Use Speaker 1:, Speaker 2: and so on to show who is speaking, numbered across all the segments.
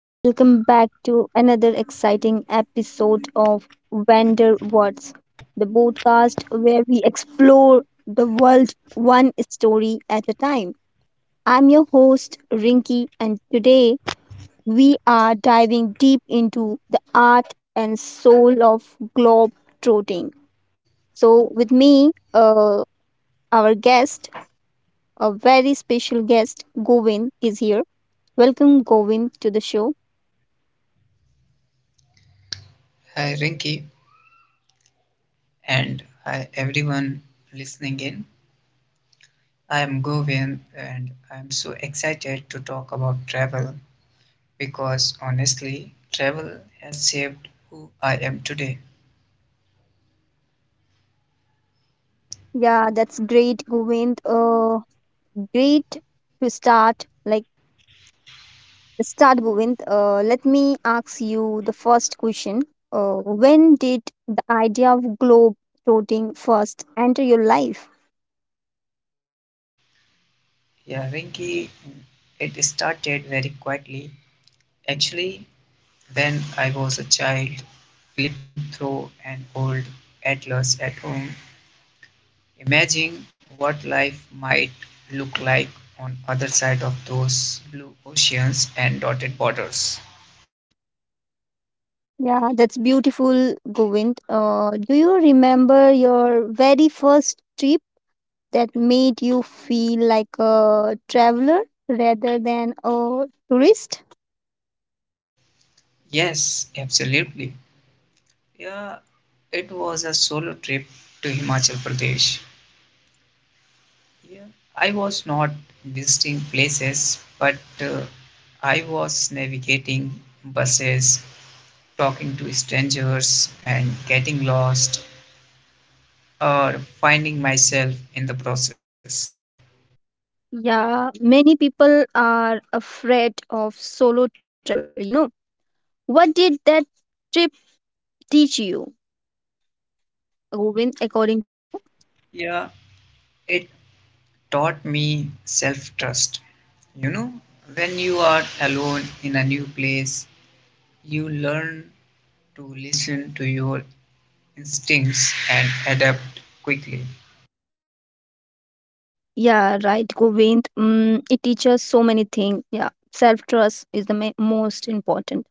Speaker 1: Welcome back to another exciting episode of Vendor Words, the podcast where we explore the world one story at a time. I'm your host, Rinky, and today we are diving deep into the art and soul of globe trotting. So, with me, our guest, a very special guest, Govin, is here. Welcome, Govin, to the show.
Speaker 2: Hi Rinky and hi everyone listening in. I am Govind and I'm so excited to talk about travel because honestly, travel has shaped who I am today.
Speaker 1: Yeah, that's great, Govind. Great to start. Govind. Let me ask you the first question. When did the idea of globe trotting first enter your life?
Speaker 2: Yeah, Rinky, it started very quietly. Actually, when I was a child, flipping through an old atlas at home, imagine what life might look like on other side of those blue oceans and dotted borders.
Speaker 1: Yeah, that's beautiful, Govind. Do you remember your very first trip that made you feel like a traveler rather than a tourist?
Speaker 2: Yes, absolutely. Yeah, it was a solo trip to Himachal Pradesh. Yeah, I was not visiting places, but uh, I was navigating buses, talking to strangers, and getting lost or finding myself in the process.
Speaker 1: Yeah, many people are afraid of solo traveler, What did that trip teach you, Govind, according to you?
Speaker 2: Yeah, it taught me self trust. You know, when you are alone in a new place, you learn to listen to your instincts and adapt quickly
Speaker 1: Yeah, right, Govind. Mm, it teaches so many things. Yeah, self-trust is the most important.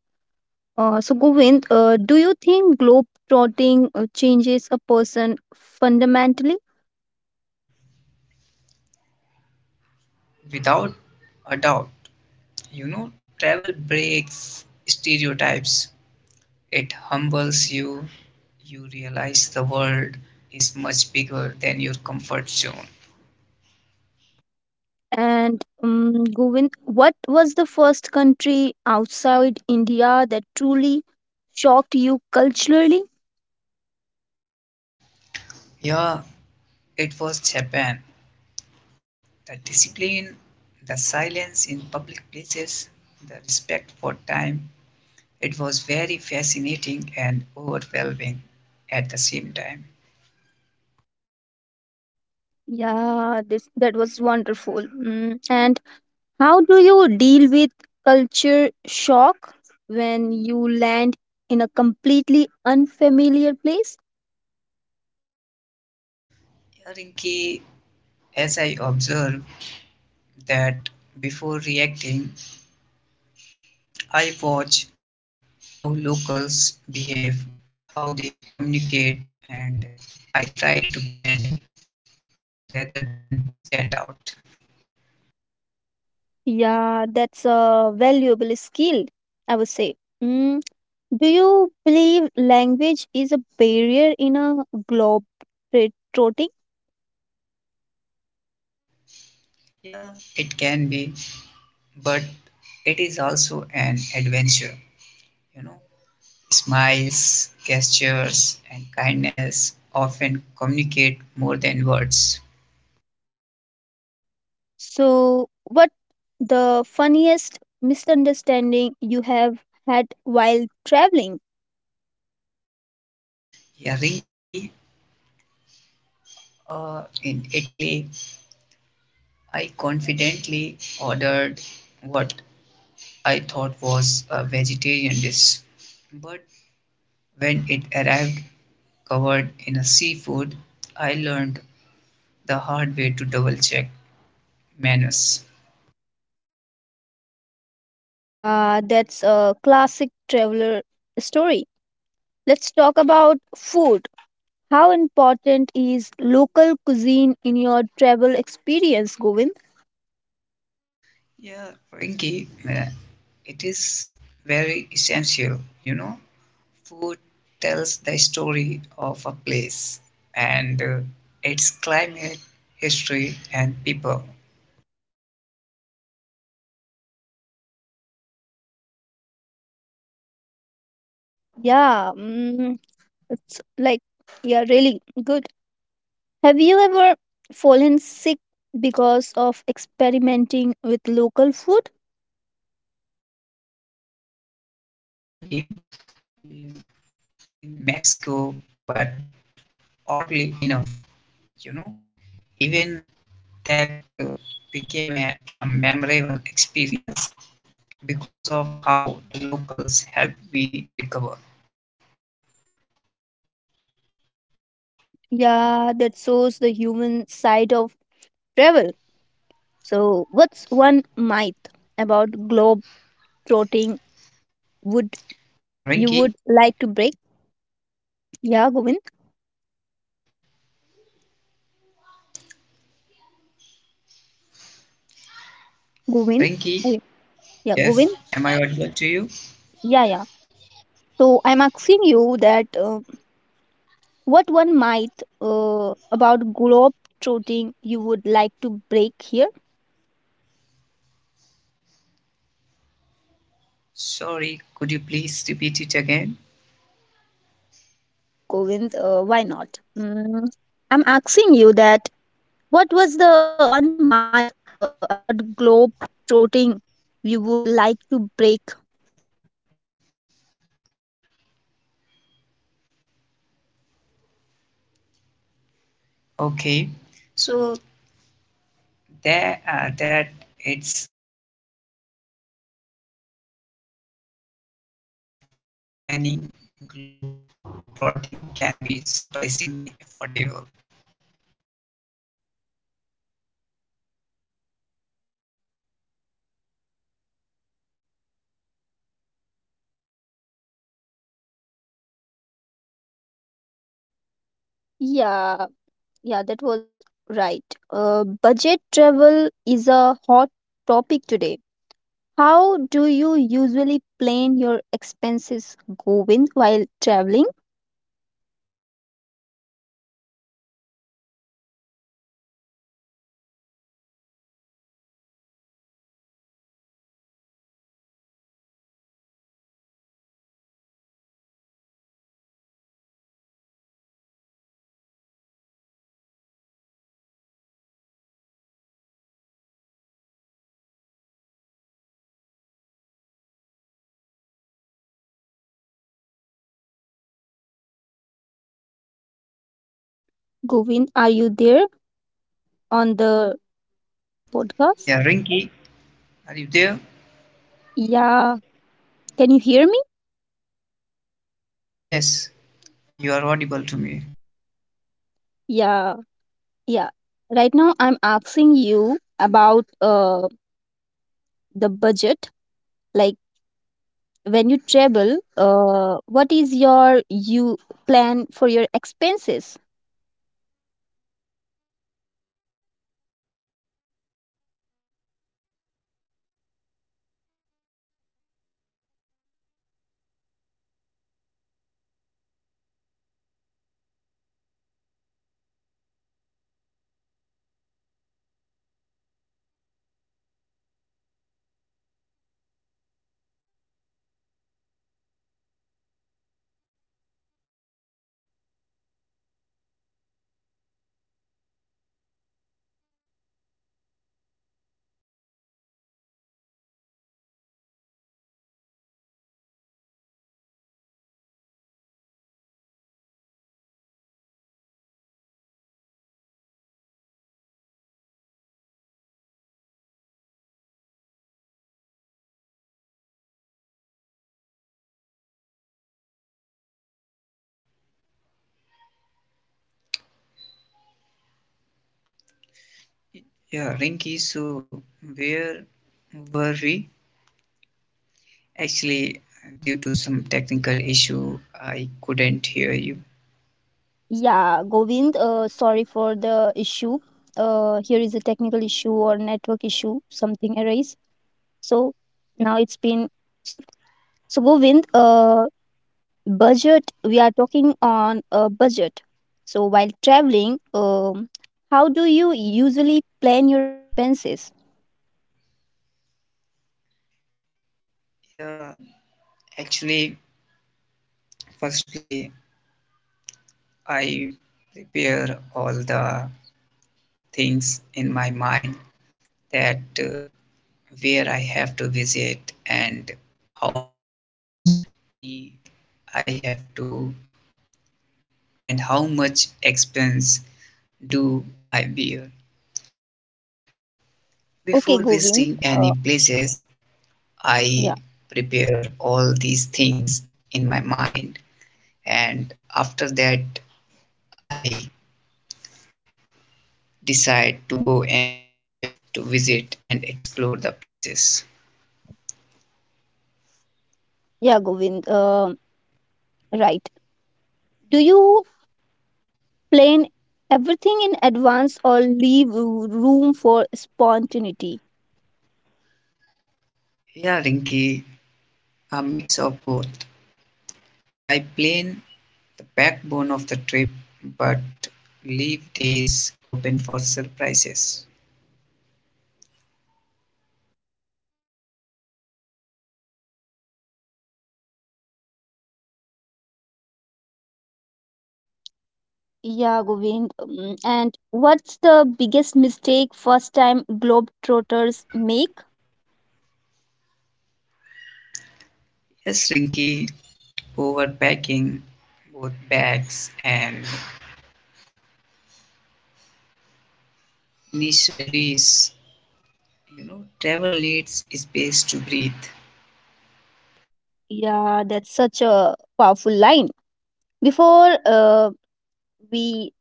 Speaker 1: So, Govind, do you think globetrotting changes a person fundamentally?
Speaker 2: without a doubt. You know, travel breaks stereotypes, it humbles you. You realize the world is much bigger than your comfort zone.
Speaker 1: And Govind, what was the first country outside India that truly shocked you culturally?
Speaker 2: Yeah, it was Japan. The discipline, the silence in public places, the respect for time. It was very fascinating and overwhelming at the same time.
Speaker 1: Yeah, this that was wonderful. Mm. And how do you deal with culture shock when you land in a completely unfamiliar place?
Speaker 2: Yeah, Rinki, as I observe that before reacting, I watch how locals behave, how they communicate, and I try to blend in rather than stand out.
Speaker 1: Yeah, that's a valuable skill, I would say. Mm. Do you believe language is a barrier in a globe trotting?
Speaker 2: Yeah, it can be, but it is also an adventure. You know, smiles, gestures, and kindness often communicate more than words.
Speaker 1: So, what the funniest misunderstanding you have had while traveling?
Speaker 2: Yeah, Rinki. Uh, in Italy, I confidently ordered what I thought was a vegetarian dish, but when it arrived covered in a seafood, I learned the hard way to double check menus.
Speaker 1: Yeah, that's a classic traveler story. Let's talk about food. How important is local cuisine in your travel experience, Govind?
Speaker 2: Yeah, Rinki. Uh, it is very essential. You know, food tells the story of a place and its climate, history, and people.
Speaker 1: Yeah, mm, it's like, yeah, really good. Have you ever fallen sick because of experimenting with local food?
Speaker 2: Yeah, yes, Frankie, yeah, in Mexico, but oddly enough, you know, even that became a memorable experience because of how locals helped me to recover.
Speaker 1: Yeah, that shows the human side of travel. So, what's one myth about globe trotting would
Speaker 2: Yeah,
Speaker 1: you
Speaker 2: Rinky,
Speaker 1: would like to
Speaker 2: am I
Speaker 1: break?
Speaker 2: audible to you?
Speaker 1: Yeah, Govind.
Speaker 2: Rinky,
Speaker 1: Oh, yeah,
Speaker 2: yes,
Speaker 1: Govind.
Speaker 2: am I audible to you?
Speaker 1: Yeah, yeah. So I'm asking you that what one might about globe trotting you would like to break here?
Speaker 2: Sorry, could you please repeat it again?
Speaker 1: Yeah, of course, Govind. Why not? Mm, I'm asking you that what was the one myth about globe trotting you would like to break?
Speaker 2: Okay. So that it's only for the rich, you know, with smart planning, glue plotting can be surprisingly affordable.
Speaker 1: Yeah, yeah, that was right. Budget travel is a hot topic today. How do you usually plan your expenses, Govind, while traveling?
Speaker 2: Yeah, I prioritize experiences over luxury. Local transport, hostels, and street food save money and offer rich stories.
Speaker 1: Govind, are you there on the podcast?
Speaker 2: Yeah, Rinky, are you there?
Speaker 1: Yeah. Can you hear me?
Speaker 2: Yes, you are audible to me.
Speaker 1: Yeah. Yeah. Right now, I'm asking you about the budget. Like when you travel, what is you plan for your expenses?
Speaker 2: Yeah, Rinky, so where were we? Actually, due to some technical issue, I couldn't hear you.
Speaker 1: Yeah, Govind, sorry for the issue. Here is a technical issue or network issue, something arise. So now it's been solved. So Govind, budget. We are talking on a budget. So while traveling, how do you usually plan your expenses?
Speaker 2: Yeah, actually, firstly, I prepare all the things in my mind that where I have to visit and how much money I have to and how much expense do I bear. So
Speaker 1: Okay,
Speaker 2: before
Speaker 1: Govind.
Speaker 2: visiting
Speaker 1: Uh,
Speaker 2: any places,
Speaker 1: yeah,
Speaker 2: I prepare all these things in my mind, and after that, I decide to go anywhere to visit and explore the places.
Speaker 1: yeah, Govind. Right. Do you plan everything in advance or leave room for spontaneity?
Speaker 2: Yeah, Rinky, a mix of both. I plan the backbone of the trip, but leave days open for surprises.
Speaker 1: Yeah, Govind. And what's the biggest mistake first-time globetrotters make?
Speaker 2: Yes, Rinky, overpacking both bags and missionaries. You know, travel needs space to breathe.
Speaker 1: Yeah, that's such a powerful line. Before we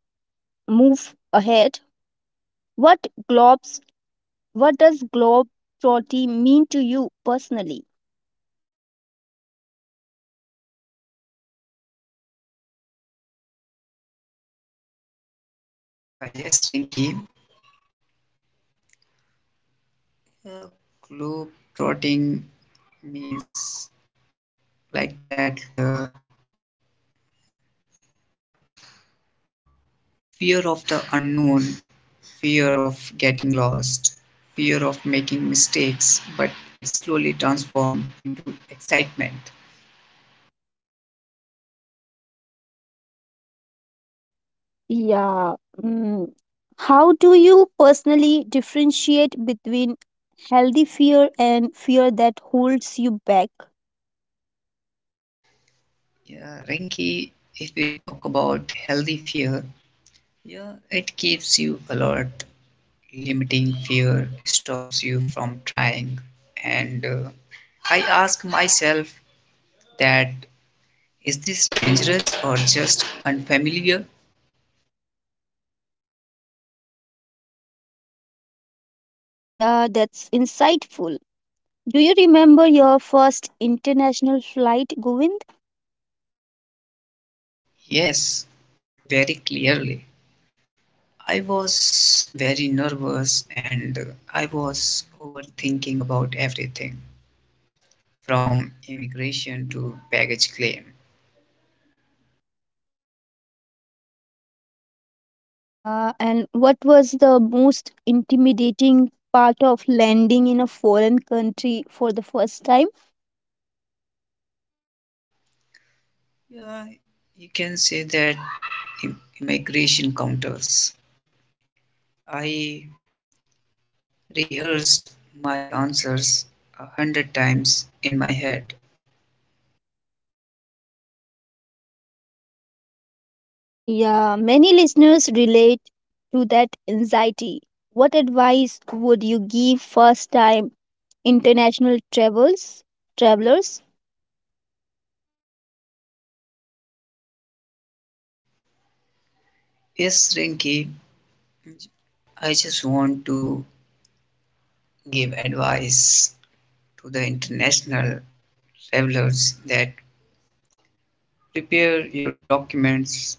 Speaker 1: move ahead, what globs what does globetrotting mean to you personally?
Speaker 2: Yeah, yes, Rinky. Uh, globe trotting means like that fear of the unknown, fear of getting lost, fear of making mistakes, but it slowly transforms into excitement.
Speaker 1: Yeah, mm, how do you personally differentiate between healthy fear and fear that holds you back?
Speaker 2: Yeah, Rinky, if we talk about healthy fear, yeah, it keeps you alert, limiting fear stops you from trying and I ask myself that is this dangerous or just unfamiliar.
Speaker 1: Yeah, that's insightful. Do you remember your first international flight, Govind?
Speaker 2: Yes, very clearly. I was very nervous and I was overthinking about everything, from immigration to baggage claim.
Speaker 1: Yeah, and what was the most intimidating part of landing in a foreign country for the first time?
Speaker 2: Yeah, you can say that immigration counters. I rehearsed my answers 100 times in my head.
Speaker 1: Yeah, many listeners relate to that anxiety. What advice would you give first time international travels travelers?
Speaker 2: Yes, Rinky, I just want to give advice to the international travelers that prepare your documents,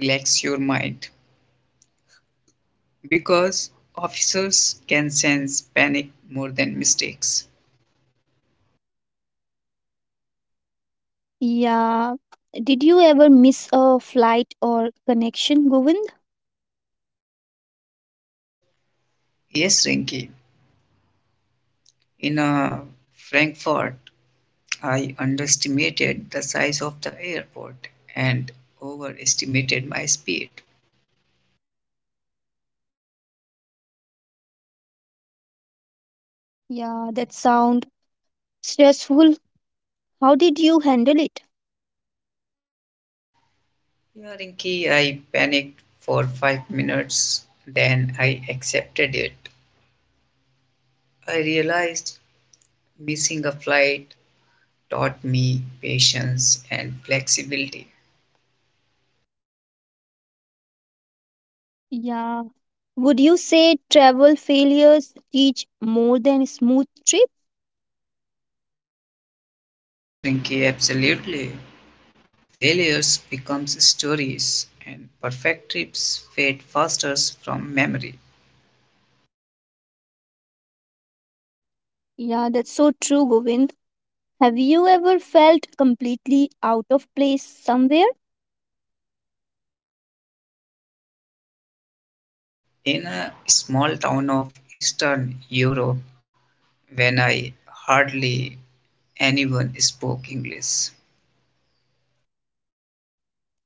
Speaker 2: relax your mind, because officers can sense panic more than mistakes.
Speaker 1: Yeah, did you ever miss a flight or connection, Govind?
Speaker 2: Yes, Rinky, in a Frankfurt, I underestimated the size of the airport and overestimated my speed.
Speaker 1: Yeah, that sound stressful. How did you handle it?
Speaker 2: Yeah, key, I panicked for 5 minutes, then I accepted it. I realized missing a flight taught me patience and flexibility.
Speaker 1: Yeah, would you say travel failures teach more than smooth trip?
Speaker 2: Yes, Rinky, absolutely. Failures becomes stories and perfect trips fade fastest from memory.
Speaker 1: Yeah, that's so true, Govind. Have you ever felt completely out of place somewhere?
Speaker 2: Yes, Rinky. In a small town of Eastern Europe, when I hardly anyone spoke English.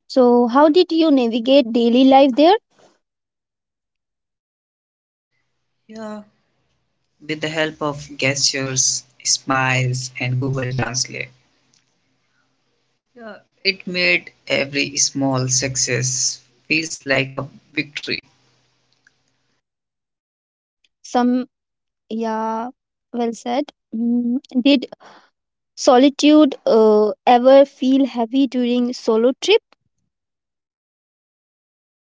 Speaker 1: So, how did you navigate daily life there?
Speaker 2: Yeah, with the help of gestures, smiles, and Google Translate. Yeah, it made every small success feels like a victory.
Speaker 1: Some, yeah, well said. Mm, did solitude ever feel heavy during solo trip?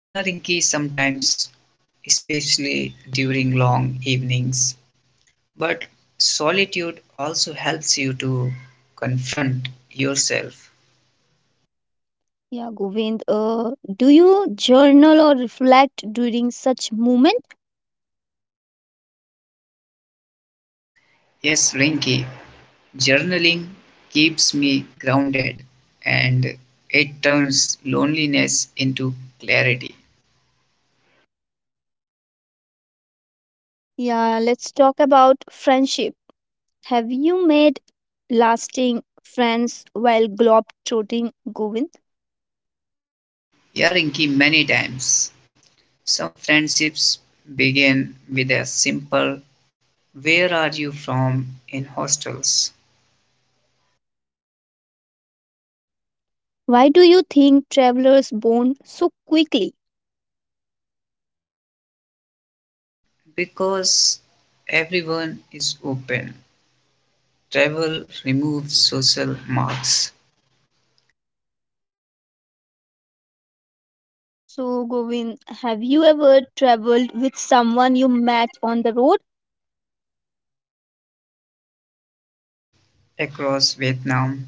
Speaker 2: Yeah, Rinki, sometimes, especially during long evenings, but solitude also helps you to confront yourself.
Speaker 1: Yeah, Govind, do you journal or reflect during such moment?
Speaker 2: Yes, Rinki, journaling keeps me grounded and it turns loneliness into clarity.
Speaker 1: Yeah, let's talk about friendship. Have you made lasting friends while globetrotting, Govind?
Speaker 2: Yarinki many times. Some friendships begin with a simple where are you from in hostels
Speaker 1: Why do you think travelers bond so quickly?
Speaker 2: because everyone is open. Travel removes social marks.
Speaker 1: So, Govind, have you ever traveled with someone you met on the road?
Speaker 2: Yes, across Vietnam,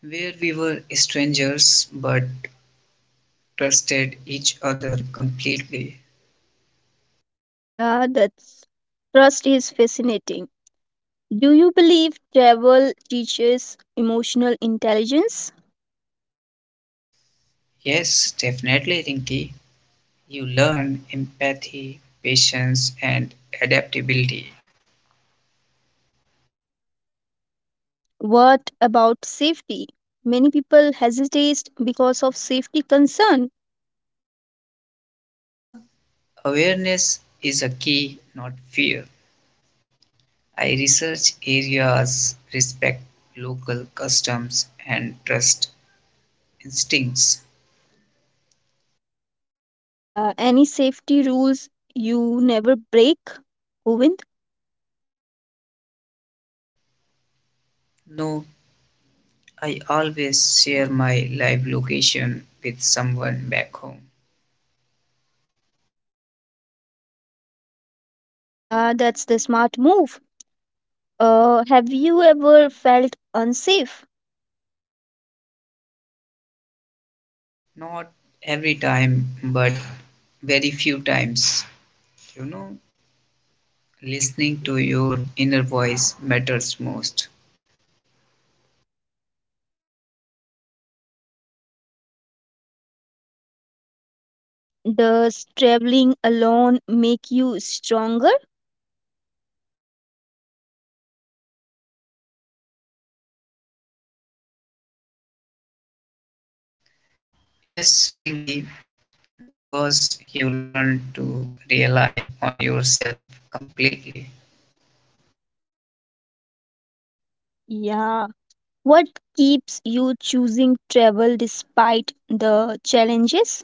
Speaker 2: where we were strangers but trusted each other completely.
Speaker 1: Yeah, that's trust is fascinating. Do you believe travel teaches emotional intelligence?
Speaker 2: Yes, definitely, Rinki. You learn empathy, patience, and adaptability.
Speaker 1: What about safety? Many people hesitate because of safety concern.
Speaker 2: Yeah, awareness is a key, not fear. I research areas, respect local customs, and trust instincts.
Speaker 1: Yeah, any safety rules you never break, Govind?
Speaker 2: No, I always share my live location with someone back home.
Speaker 1: Yeah, that's the smart move. Have you ever felt unsafe?
Speaker 2: Not every time, but very few times. You know, listening to your inner voice matters most.
Speaker 1: Does traveling alone make you stronger?
Speaker 2: Yes, Rinky, because you learn to rely on yourself completely.
Speaker 1: Yeah. What keeps you choosing travel despite the challenges?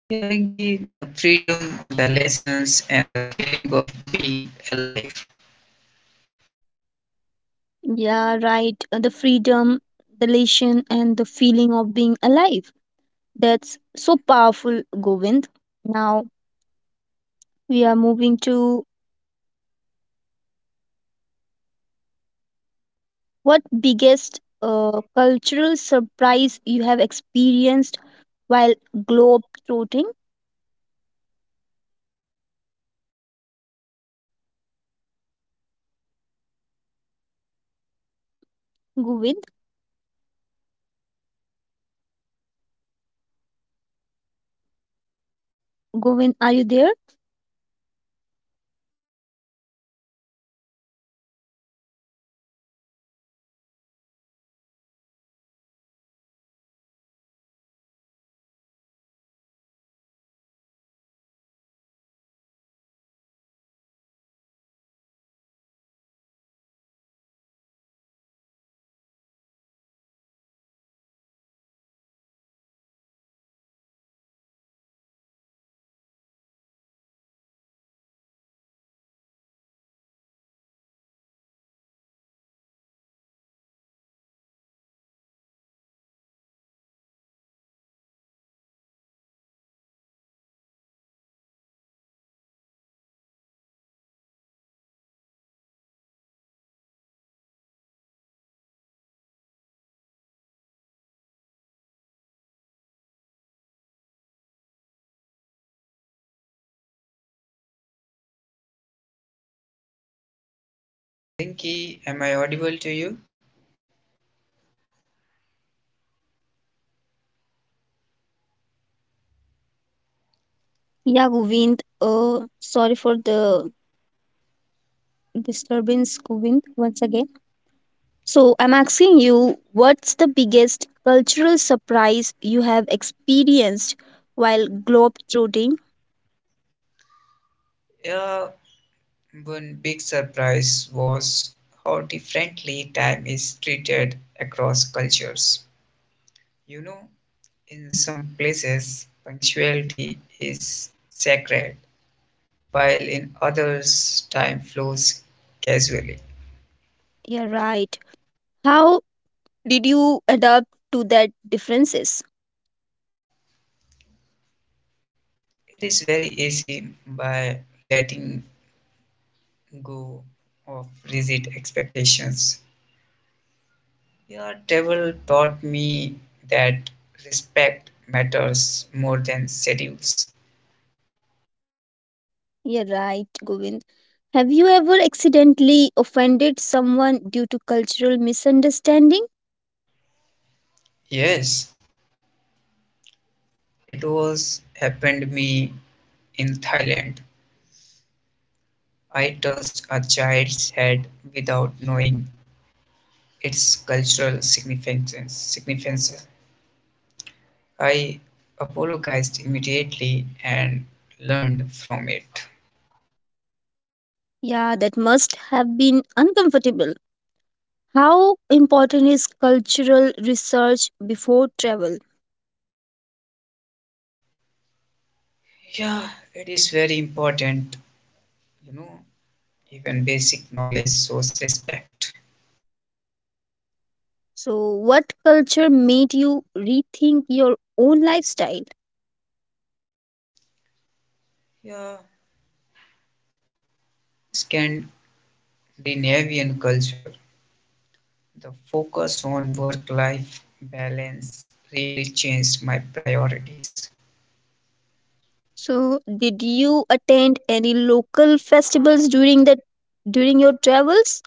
Speaker 2: Yeah, Rinky, the freedom, the lessons, and the feeling of being alive.
Speaker 1: Yeah, right. The freedom, the elation, and the feeling of being alive. That's so powerful, Govind. Now we are moving to what biggest cultural surprise you have experienced while globe trotting, Govind?
Speaker 2: Yes, Rinky.
Speaker 1: Govind, are you there?
Speaker 2: Yes, I am here. Am I audible to you, Rinky? Rinky, am I audible to you? Yeah, Rinky, am I audible to you?
Speaker 1: Yeah, Govind. Sorry for the disturbance, Govind, once again. So I'm asking you, what's the biggest cultural surprise you have experienced while globetrotting?
Speaker 2: Yeah, one big surprise was how differently time is treated across cultures. You know, in some places, punctuality is sacred, while in others, time flows casually.
Speaker 1: You're right. How did you adapt to that differences?
Speaker 2: It is very easy by letting go of rigid expectations. Yeah, travel taught me that respect matters more than schedules.
Speaker 1: You're right, Govind. Have you ever accidentally offended someone due to cultural misunderstanding?
Speaker 2: Yes, it was happened me in Thailand. I touched a child's head without knowing its cultural significance. I apologized immediately and learned from it.
Speaker 1: Yeah, that must have been uncomfortable. How important is cultural research before travel?
Speaker 2: Yeah, it is very important, you know, even basic knowledge shows respect.
Speaker 1: So, what culture made you rethink your own lifestyle?
Speaker 2: Yeah, this can Scandinavian culture, the focus on work life balance really changed my priorities.
Speaker 1: So, did you attend any local festivals during your travels?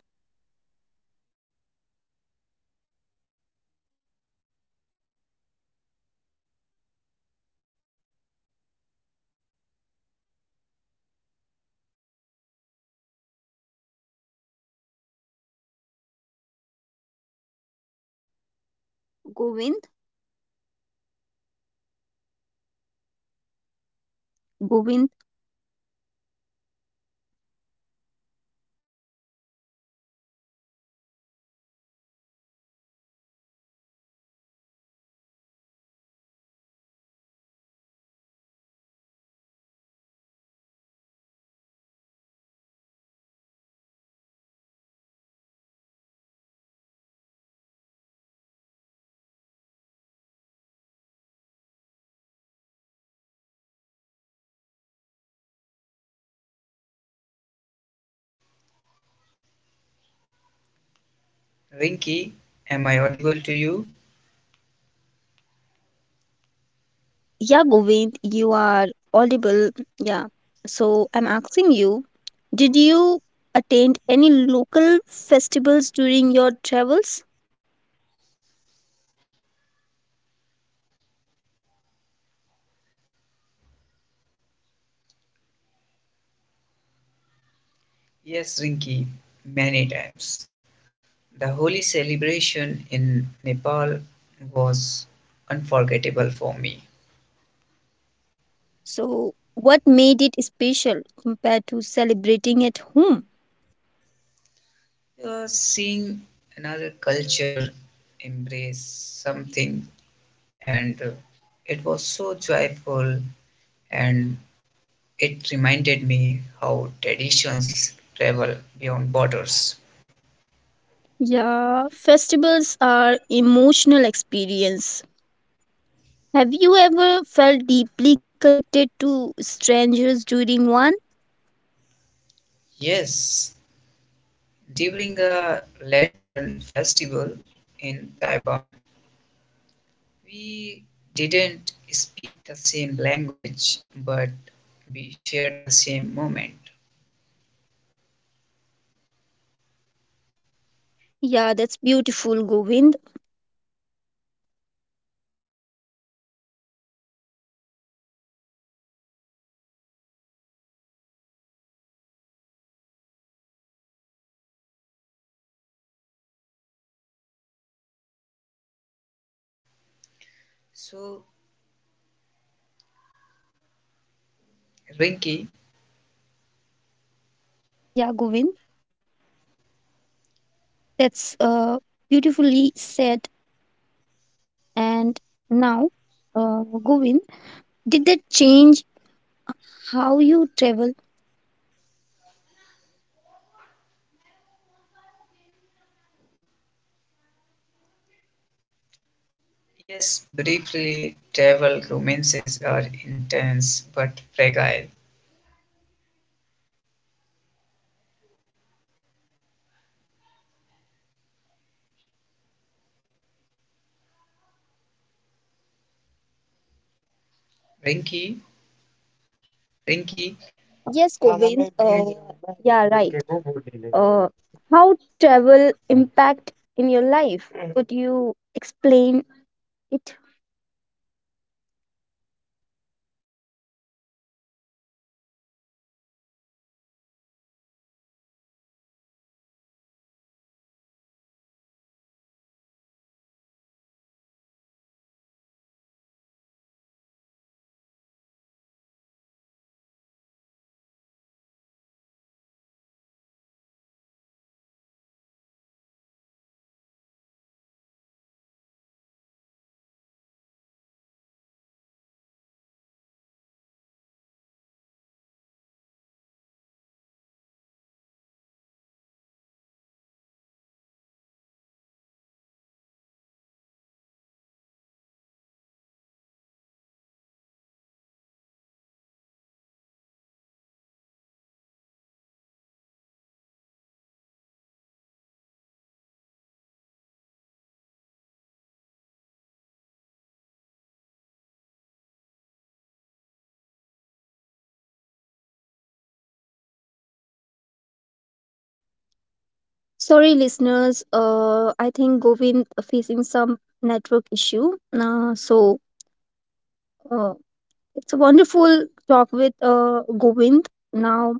Speaker 2: Yeah, many the holy celebration in Nepal was
Speaker 1: Govind,
Speaker 2: unforgettable for me.
Speaker 1: Govind.
Speaker 2: So Rinky, Rinky, am I audible to you?
Speaker 1: Yeah, Govind, you are audible. Yeah. So I'm asking you, did you attend any local festivals during your travels?
Speaker 2: Yes, Rinky, many times. The holy celebration in Nepal was unforgettable for me.
Speaker 1: So what made it special compared to celebrating at home?
Speaker 2: Seeing another culture embrace something and it was so joyful and it reminded me how traditions travel beyond borders.
Speaker 1: Yeah, festivals are emotional experience. Have you ever felt deeply connected to strangers during one?
Speaker 2: Yes, during a lantern festival in Taiwan, we didn't speak the same language, but we shared the same moment.
Speaker 1: Yeah, that's beautiful, Govind.
Speaker 2: So Rinki,
Speaker 1: Yeah, Govind. That's beautifully said. And now, Govind, did that change how you travel?
Speaker 2: yes, briefly, travel romances are intense but fragile. Rinky, Rinky,
Speaker 1: Yes, Govind. Yeah, right. Uh, how travel impact in your life? Could you explain it?
Speaker 2: Rinky, am I audible to you? Hello, Rinky. Am I audible to you?
Speaker 1: Sorry, listeners. I think Govind facing some network issue. Uh, so uh, it's a wonderful talk with Govind. Now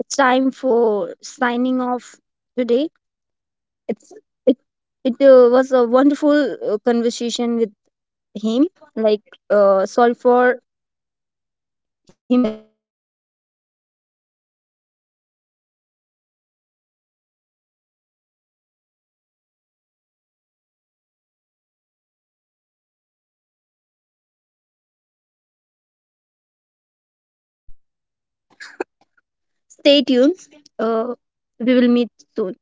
Speaker 1: it's time for signing off
Speaker 2: Hello,
Speaker 1: today.
Speaker 2: Rinky, am I
Speaker 1: it's
Speaker 2: audible to
Speaker 1: it
Speaker 2: you?
Speaker 1: it was a wonderful conversation with him, like sorry for him said also, um now we will meet uh, until next episode. So till now, stay tuned.
Speaker 2: Okay, sure.
Speaker 1: stay tuned uh, we will meet soon.